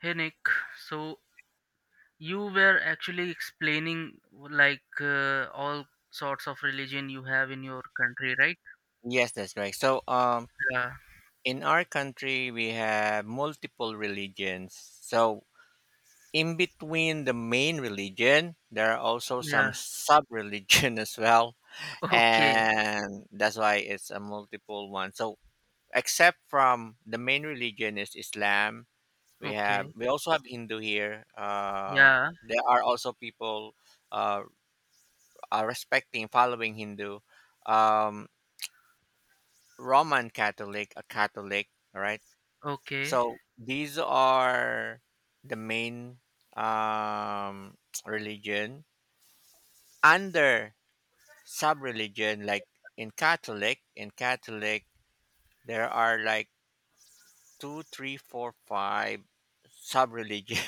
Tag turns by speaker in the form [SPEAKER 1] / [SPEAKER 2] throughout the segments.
[SPEAKER 1] Hey Nick, so you were actually explaining like all sorts of religion you have in your country, right?
[SPEAKER 2] Yes, that's right.
[SPEAKER 1] Yeah,
[SPEAKER 2] In our country, we have multiple religions. So, in between the main religion, there are also
[SPEAKER 1] yeah.
[SPEAKER 2] some sub religion as well,
[SPEAKER 1] Okay,
[SPEAKER 2] and that's why it's a multiple one. So, except from the main religion is Islam, we have
[SPEAKER 1] okay.
[SPEAKER 2] we also have Hindu here.
[SPEAKER 1] Yeah,
[SPEAKER 2] There are also people uh, are respecting following Hindu, um, Roman Catholic, a Catholic, all right?
[SPEAKER 1] okay.
[SPEAKER 2] So these are the main um, religion under sub-religion. Like in Catholic there are like two, three, four, five sub-religion.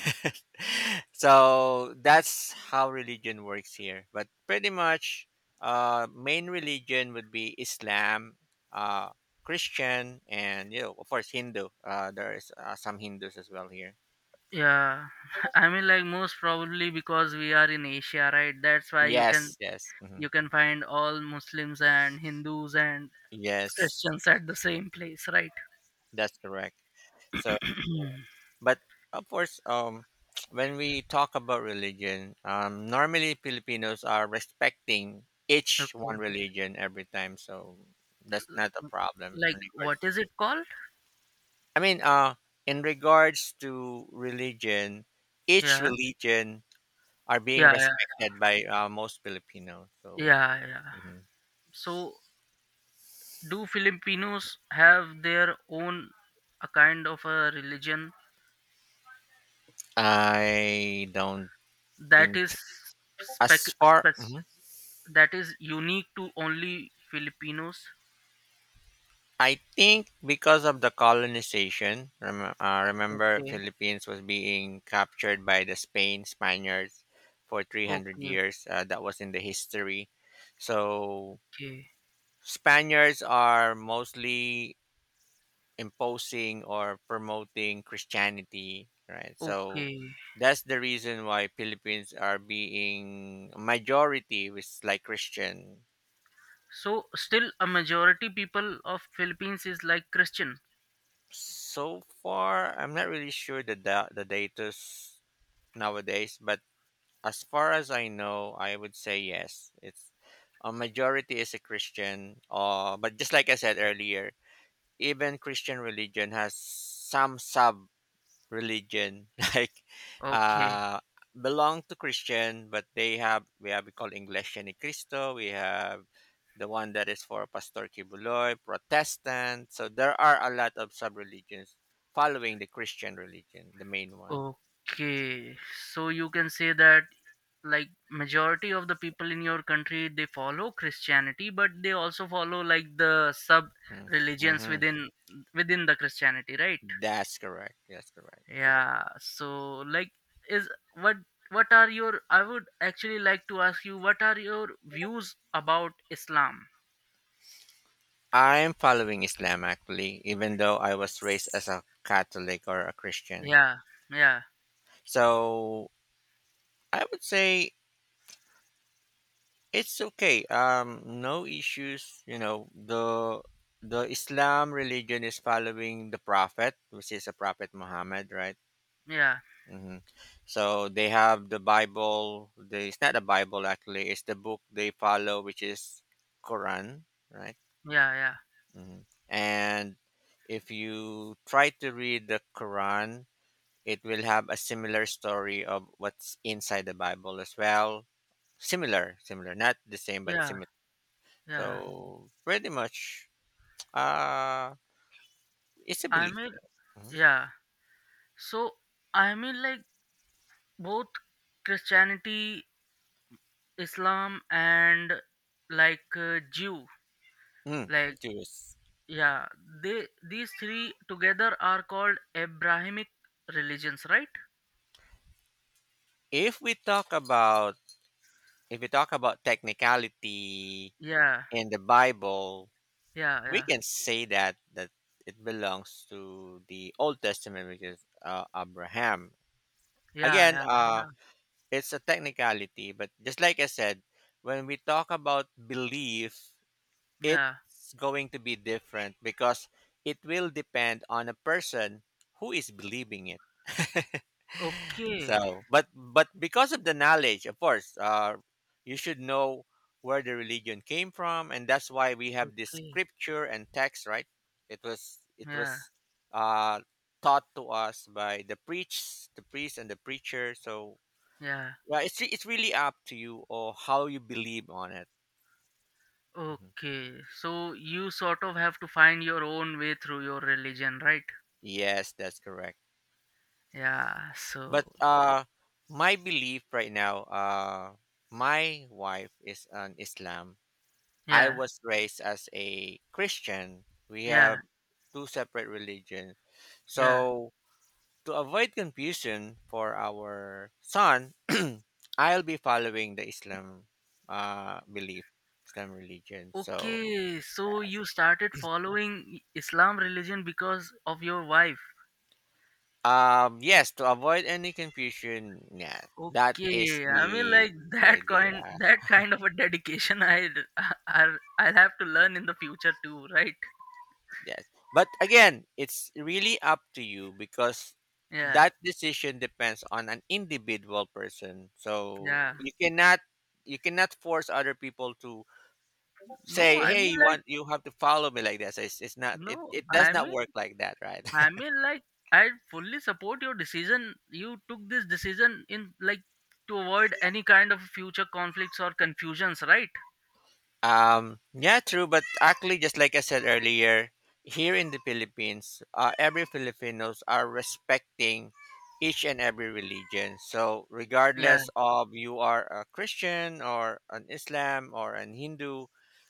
[SPEAKER 2] So that's how religion works here. But pretty much, main religion would be Islam. Uh, Christian and you know, of course, Hindu. There is some Hindus as well here.
[SPEAKER 1] Yeah. I mean like most probably because we are in Asia, right? That's why
[SPEAKER 2] Yes, yes. Mhm.
[SPEAKER 1] you can find all Muslims and Hindus and
[SPEAKER 2] Yes,
[SPEAKER 1] Christians at the same place, right?
[SPEAKER 2] that's correct. So, but of course, when we talk about religion, normally Filipinos are respecting each
[SPEAKER 1] Okay.
[SPEAKER 2] one religion every time, so that's not a problem.
[SPEAKER 1] Like what is it called?
[SPEAKER 2] I mean, uh, in regards to religion, each
[SPEAKER 1] Yeah.
[SPEAKER 2] religion are being
[SPEAKER 1] Yeah, yeah,
[SPEAKER 2] respected by most Filipinos. So,
[SPEAKER 1] yeah, yeah.
[SPEAKER 2] mhm.
[SPEAKER 1] So do Filipinos have their own a kind of a religion
[SPEAKER 2] I don't
[SPEAKER 1] that
[SPEAKER 2] think
[SPEAKER 1] is spec,
[SPEAKER 2] as far.
[SPEAKER 1] spec
[SPEAKER 2] Mm-hmm.
[SPEAKER 1] that is unique to only Filipinos?
[SPEAKER 2] I think because of the colonization, remember
[SPEAKER 1] Okay.
[SPEAKER 2] Philippines was being captured by the Spain Spaniards for 300
[SPEAKER 1] Okay,
[SPEAKER 2] years. That was in the history. So
[SPEAKER 1] okay,
[SPEAKER 2] Spaniards are mostly imposing or promoting Christianity, right? So
[SPEAKER 1] okay.
[SPEAKER 2] that's the reason why Philippines are being majority was like Christian.
[SPEAKER 1] So still a majority people of Philippines is like Christian.
[SPEAKER 2] So far, I'm not really sure the the data's nowadays, but as far as I know, I would say yes. It's a majority is a Christian. But just like I said earlier, even Christian religion has some sub religion like
[SPEAKER 1] Okay,
[SPEAKER 2] uh belong to Christian, but they have we call Iglesia Ni Cristo. We have the one that is for Pastor Kibuloy, Protestant. So there are a lot of sub religions following the Christian religion, the main one.
[SPEAKER 1] okay. So you can say that like majority of the people in your country, they follow Christianity, but they also follow like the sub
[SPEAKER 2] Hmm.
[SPEAKER 1] religions
[SPEAKER 2] Mm-hmm.
[SPEAKER 1] within the Christianity, right?
[SPEAKER 2] That's correct. That's correct.
[SPEAKER 1] Yeah, so like is, what what are your, I would actually like to ask you, what are your views about Islam?
[SPEAKER 2] I'm following Islam actually, even though I was raised as a Catholic or a Christian.
[SPEAKER 1] Yeah, yeah,
[SPEAKER 2] So I would say it's okay. No issues. You know, the Islam religion is following the Prophet, which is a Prophet Muhammad, right?
[SPEAKER 1] yeah,
[SPEAKER 2] Hmm. So they have the Bible. It's not a Bible actually. It's the book they follow, which is Quran, right?
[SPEAKER 1] yeah, yeah,
[SPEAKER 2] Mhm. And if you try to read the Quran, it will have a similar story of what's inside the Bible as well. Similar, similar, not the same, but
[SPEAKER 1] yeah,
[SPEAKER 2] similar.
[SPEAKER 1] yeah.
[SPEAKER 2] So pretty much, uh, it's a
[SPEAKER 1] I
[SPEAKER 2] belief.
[SPEAKER 1] mean,
[SPEAKER 2] You know. Mhm.
[SPEAKER 1] yeah, so I mean like both Christianity, Islam, and like Jew,
[SPEAKER 2] Mm.
[SPEAKER 1] like,
[SPEAKER 2] Jews.
[SPEAKER 1] yeah, they, these three together are called Abrahamic religions, right?
[SPEAKER 2] If we talk about if we talk about technicality
[SPEAKER 1] Yeah,
[SPEAKER 2] in the Bible,
[SPEAKER 1] yeah,
[SPEAKER 2] we
[SPEAKER 1] yeah,
[SPEAKER 2] can say that it belongs to the Old Testament, which is Abraham.
[SPEAKER 1] yeah,
[SPEAKER 2] Again,
[SPEAKER 1] yeah, yeah.
[SPEAKER 2] it's a technicality, but just like I said, when we talk about belief,
[SPEAKER 1] Yeah.
[SPEAKER 2] it's going to be different because it will depend on a person who is believing it.
[SPEAKER 1] Okay,
[SPEAKER 2] So, but because of the knowledge, of course, you should know where the religion came from, and that's why we have this
[SPEAKER 1] okay,
[SPEAKER 2] scripture and text, right? It was it
[SPEAKER 1] yeah,
[SPEAKER 2] was uh, taught to us by the priests, and the preacher. So
[SPEAKER 1] yeah.
[SPEAKER 2] right. It's really up to you or how you believe on it. Mhm.
[SPEAKER 1] Okay, so you sort of have to find your own way through your religion, right?
[SPEAKER 2] Yes, that's correct.
[SPEAKER 1] Yeah,
[SPEAKER 2] But
[SPEAKER 1] so
[SPEAKER 2] my belief right now, my wife is an Islam. I
[SPEAKER 1] yeah,
[SPEAKER 2] was raised as a Christian. We
[SPEAKER 1] yeah,
[SPEAKER 2] have two separate religions.
[SPEAKER 1] yeah.
[SPEAKER 2] So to avoid confusion for our son, I'll be following the Islam belief, Islam religion. So
[SPEAKER 1] Okay, so you started following Islam religion because of your wife.
[SPEAKER 2] um, yes, to avoid any confusion, yeah, that is
[SPEAKER 1] Okay, I mean like
[SPEAKER 2] the
[SPEAKER 1] that
[SPEAKER 2] idea.
[SPEAKER 1] kind that kind of a dedication I I'll have to learn in the future too, right?
[SPEAKER 2] Yes. But again, it's really up to you because
[SPEAKER 1] Yeah.
[SPEAKER 2] that decision depends on an individual person. So
[SPEAKER 1] Yeah.
[SPEAKER 2] you cannot force other people to
[SPEAKER 1] No,
[SPEAKER 2] say,
[SPEAKER 1] I
[SPEAKER 2] Hey,
[SPEAKER 1] mean like,
[SPEAKER 2] you have to follow me like this. It's not
[SPEAKER 1] no,
[SPEAKER 2] it does
[SPEAKER 1] I
[SPEAKER 2] not
[SPEAKER 1] mean
[SPEAKER 2] work like that, right?
[SPEAKER 1] I mean like I fully support your decision. You took this decision in like to avoid any kind of future conflicts or confusions, right?
[SPEAKER 2] Yeah, true. But actually, just like I said earlier, here in the Philippines, every Filipinos are respecting each and every religion. So,
[SPEAKER 1] Yeah,
[SPEAKER 2] regardless of you are a Christian or an Islam or an Hindu,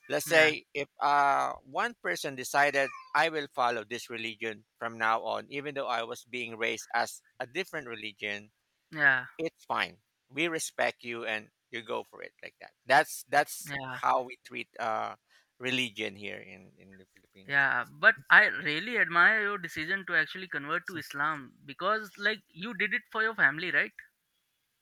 [SPEAKER 2] let's
[SPEAKER 1] yeah,
[SPEAKER 2] say if one person decided I will follow this religion from now on, even though I was being raised as a different religion,
[SPEAKER 1] yeah,
[SPEAKER 2] it's fine. We respect you and you go for it like that. That's
[SPEAKER 1] yeah,
[SPEAKER 2] how we treat religion here in the Philippines.
[SPEAKER 1] yeah. But I really admire your decision to actually convert to Islam because like you did it for your family, right?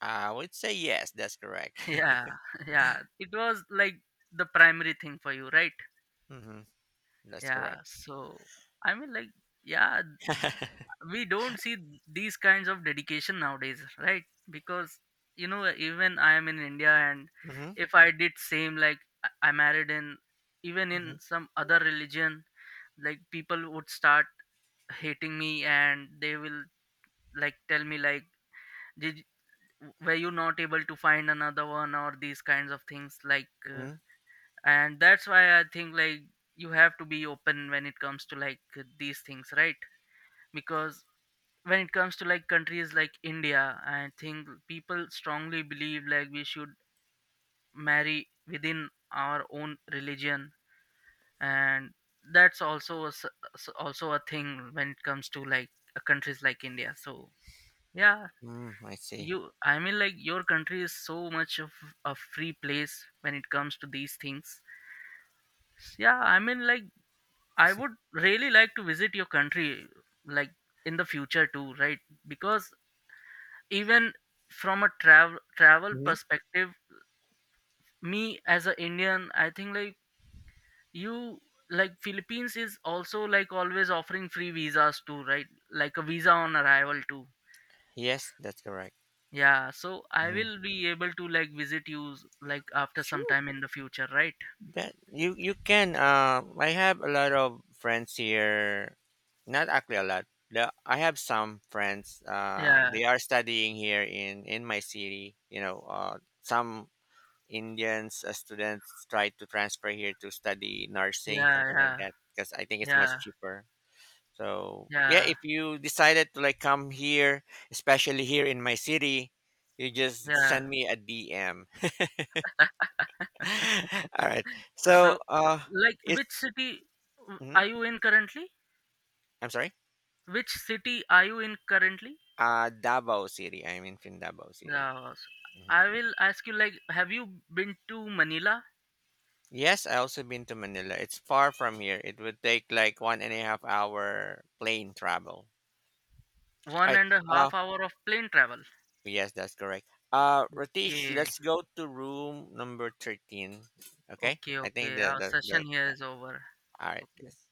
[SPEAKER 2] I would say yes, that's correct.
[SPEAKER 1] Yeah. Yeah, it was like the primary thing for you, right?
[SPEAKER 2] Hmm. That's
[SPEAKER 1] Yeah,
[SPEAKER 2] correct.
[SPEAKER 1] so I mean like, yeah, we don't see these kinds of dedication nowadays, right? Because, you know, even I am in India, and
[SPEAKER 2] Hmm.
[SPEAKER 1] if I did same, like I I married in, even in
[SPEAKER 2] Hmm.
[SPEAKER 1] some other religion, like people would start hating me and they will like tell me like, did, were you not able to find another one or these kinds of things like,
[SPEAKER 2] Hmm.
[SPEAKER 1] and that's why I think like you have to be open when it comes to like these things, right? Because when it comes to like countries like India, I think people strongly believe like we should marry within our own religion, and that's also a also a thing when it comes to like countries like India. So yeah,
[SPEAKER 2] Mm, I see.
[SPEAKER 1] you, I mean like your country is so much of a free place when it comes to these things. Yeah, I mean like, I would really like to visit your country like in the future too, right? Because even from a travel
[SPEAKER 2] Hmm.
[SPEAKER 1] perspective, me as an Indian, I think like you, like Philippines is also like always offering free visas too, right? Like a visa on arrival too.
[SPEAKER 2] Yes, that's correct.
[SPEAKER 1] Yeah, so I
[SPEAKER 2] Hmm.
[SPEAKER 1] will be able to like visit you like after some
[SPEAKER 2] Sure.
[SPEAKER 1] time in the future, right?
[SPEAKER 2] That you can. I have a lot of friends here. Not actually a lot. The, I have some friends.
[SPEAKER 1] Yeah,
[SPEAKER 2] They are studying here in my city. You know, some Indians students try to transfer here to study nursing,
[SPEAKER 1] yeah,
[SPEAKER 2] something like
[SPEAKER 1] yeah,
[SPEAKER 2] that, because I think it's much
[SPEAKER 1] yeah,
[SPEAKER 2] cheaper. So yeah,
[SPEAKER 1] yeah,
[SPEAKER 2] if you decided to like come here, especially here in my city, you just
[SPEAKER 1] yeah.
[SPEAKER 2] send me a DM. All right. So
[SPEAKER 1] So, like,
[SPEAKER 2] it's
[SPEAKER 1] which city are you in currently?
[SPEAKER 2] I'm sorry.
[SPEAKER 1] Which city are you in currently?
[SPEAKER 2] Davao City. I'm in Fin Davao City.
[SPEAKER 1] Yeah, so
[SPEAKER 2] Mhm.
[SPEAKER 1] I will ask you, like, have you been to Manila?
[SPEAKER 2] Yes, I also been to Manila. It's far from here. It would take like 1.5 hour plane travel.
[SPEAKER 1] One
[SPEAKER 2] Right.
[SPEAKER 1] and a
[SPEAKER 2] Uh
[SPEAKER 1] half hour of plane travel.
[SPEAKER 2] yes, that's correct. Ratish,
[SPEAKER 1] Okay,
[SPEAKER 2] let's go to room number 13. Okay?
[SPEAKER 1] okay,
[SPEAKER 2] I think
[SPEAKER 1] okay. Our
[SPEAKER 2] the
[SPEAKER 1] session here is over.
[SPEAKER 2] all right,
[SPEAKER 1] Okay.
[SPEAKER 2] yes.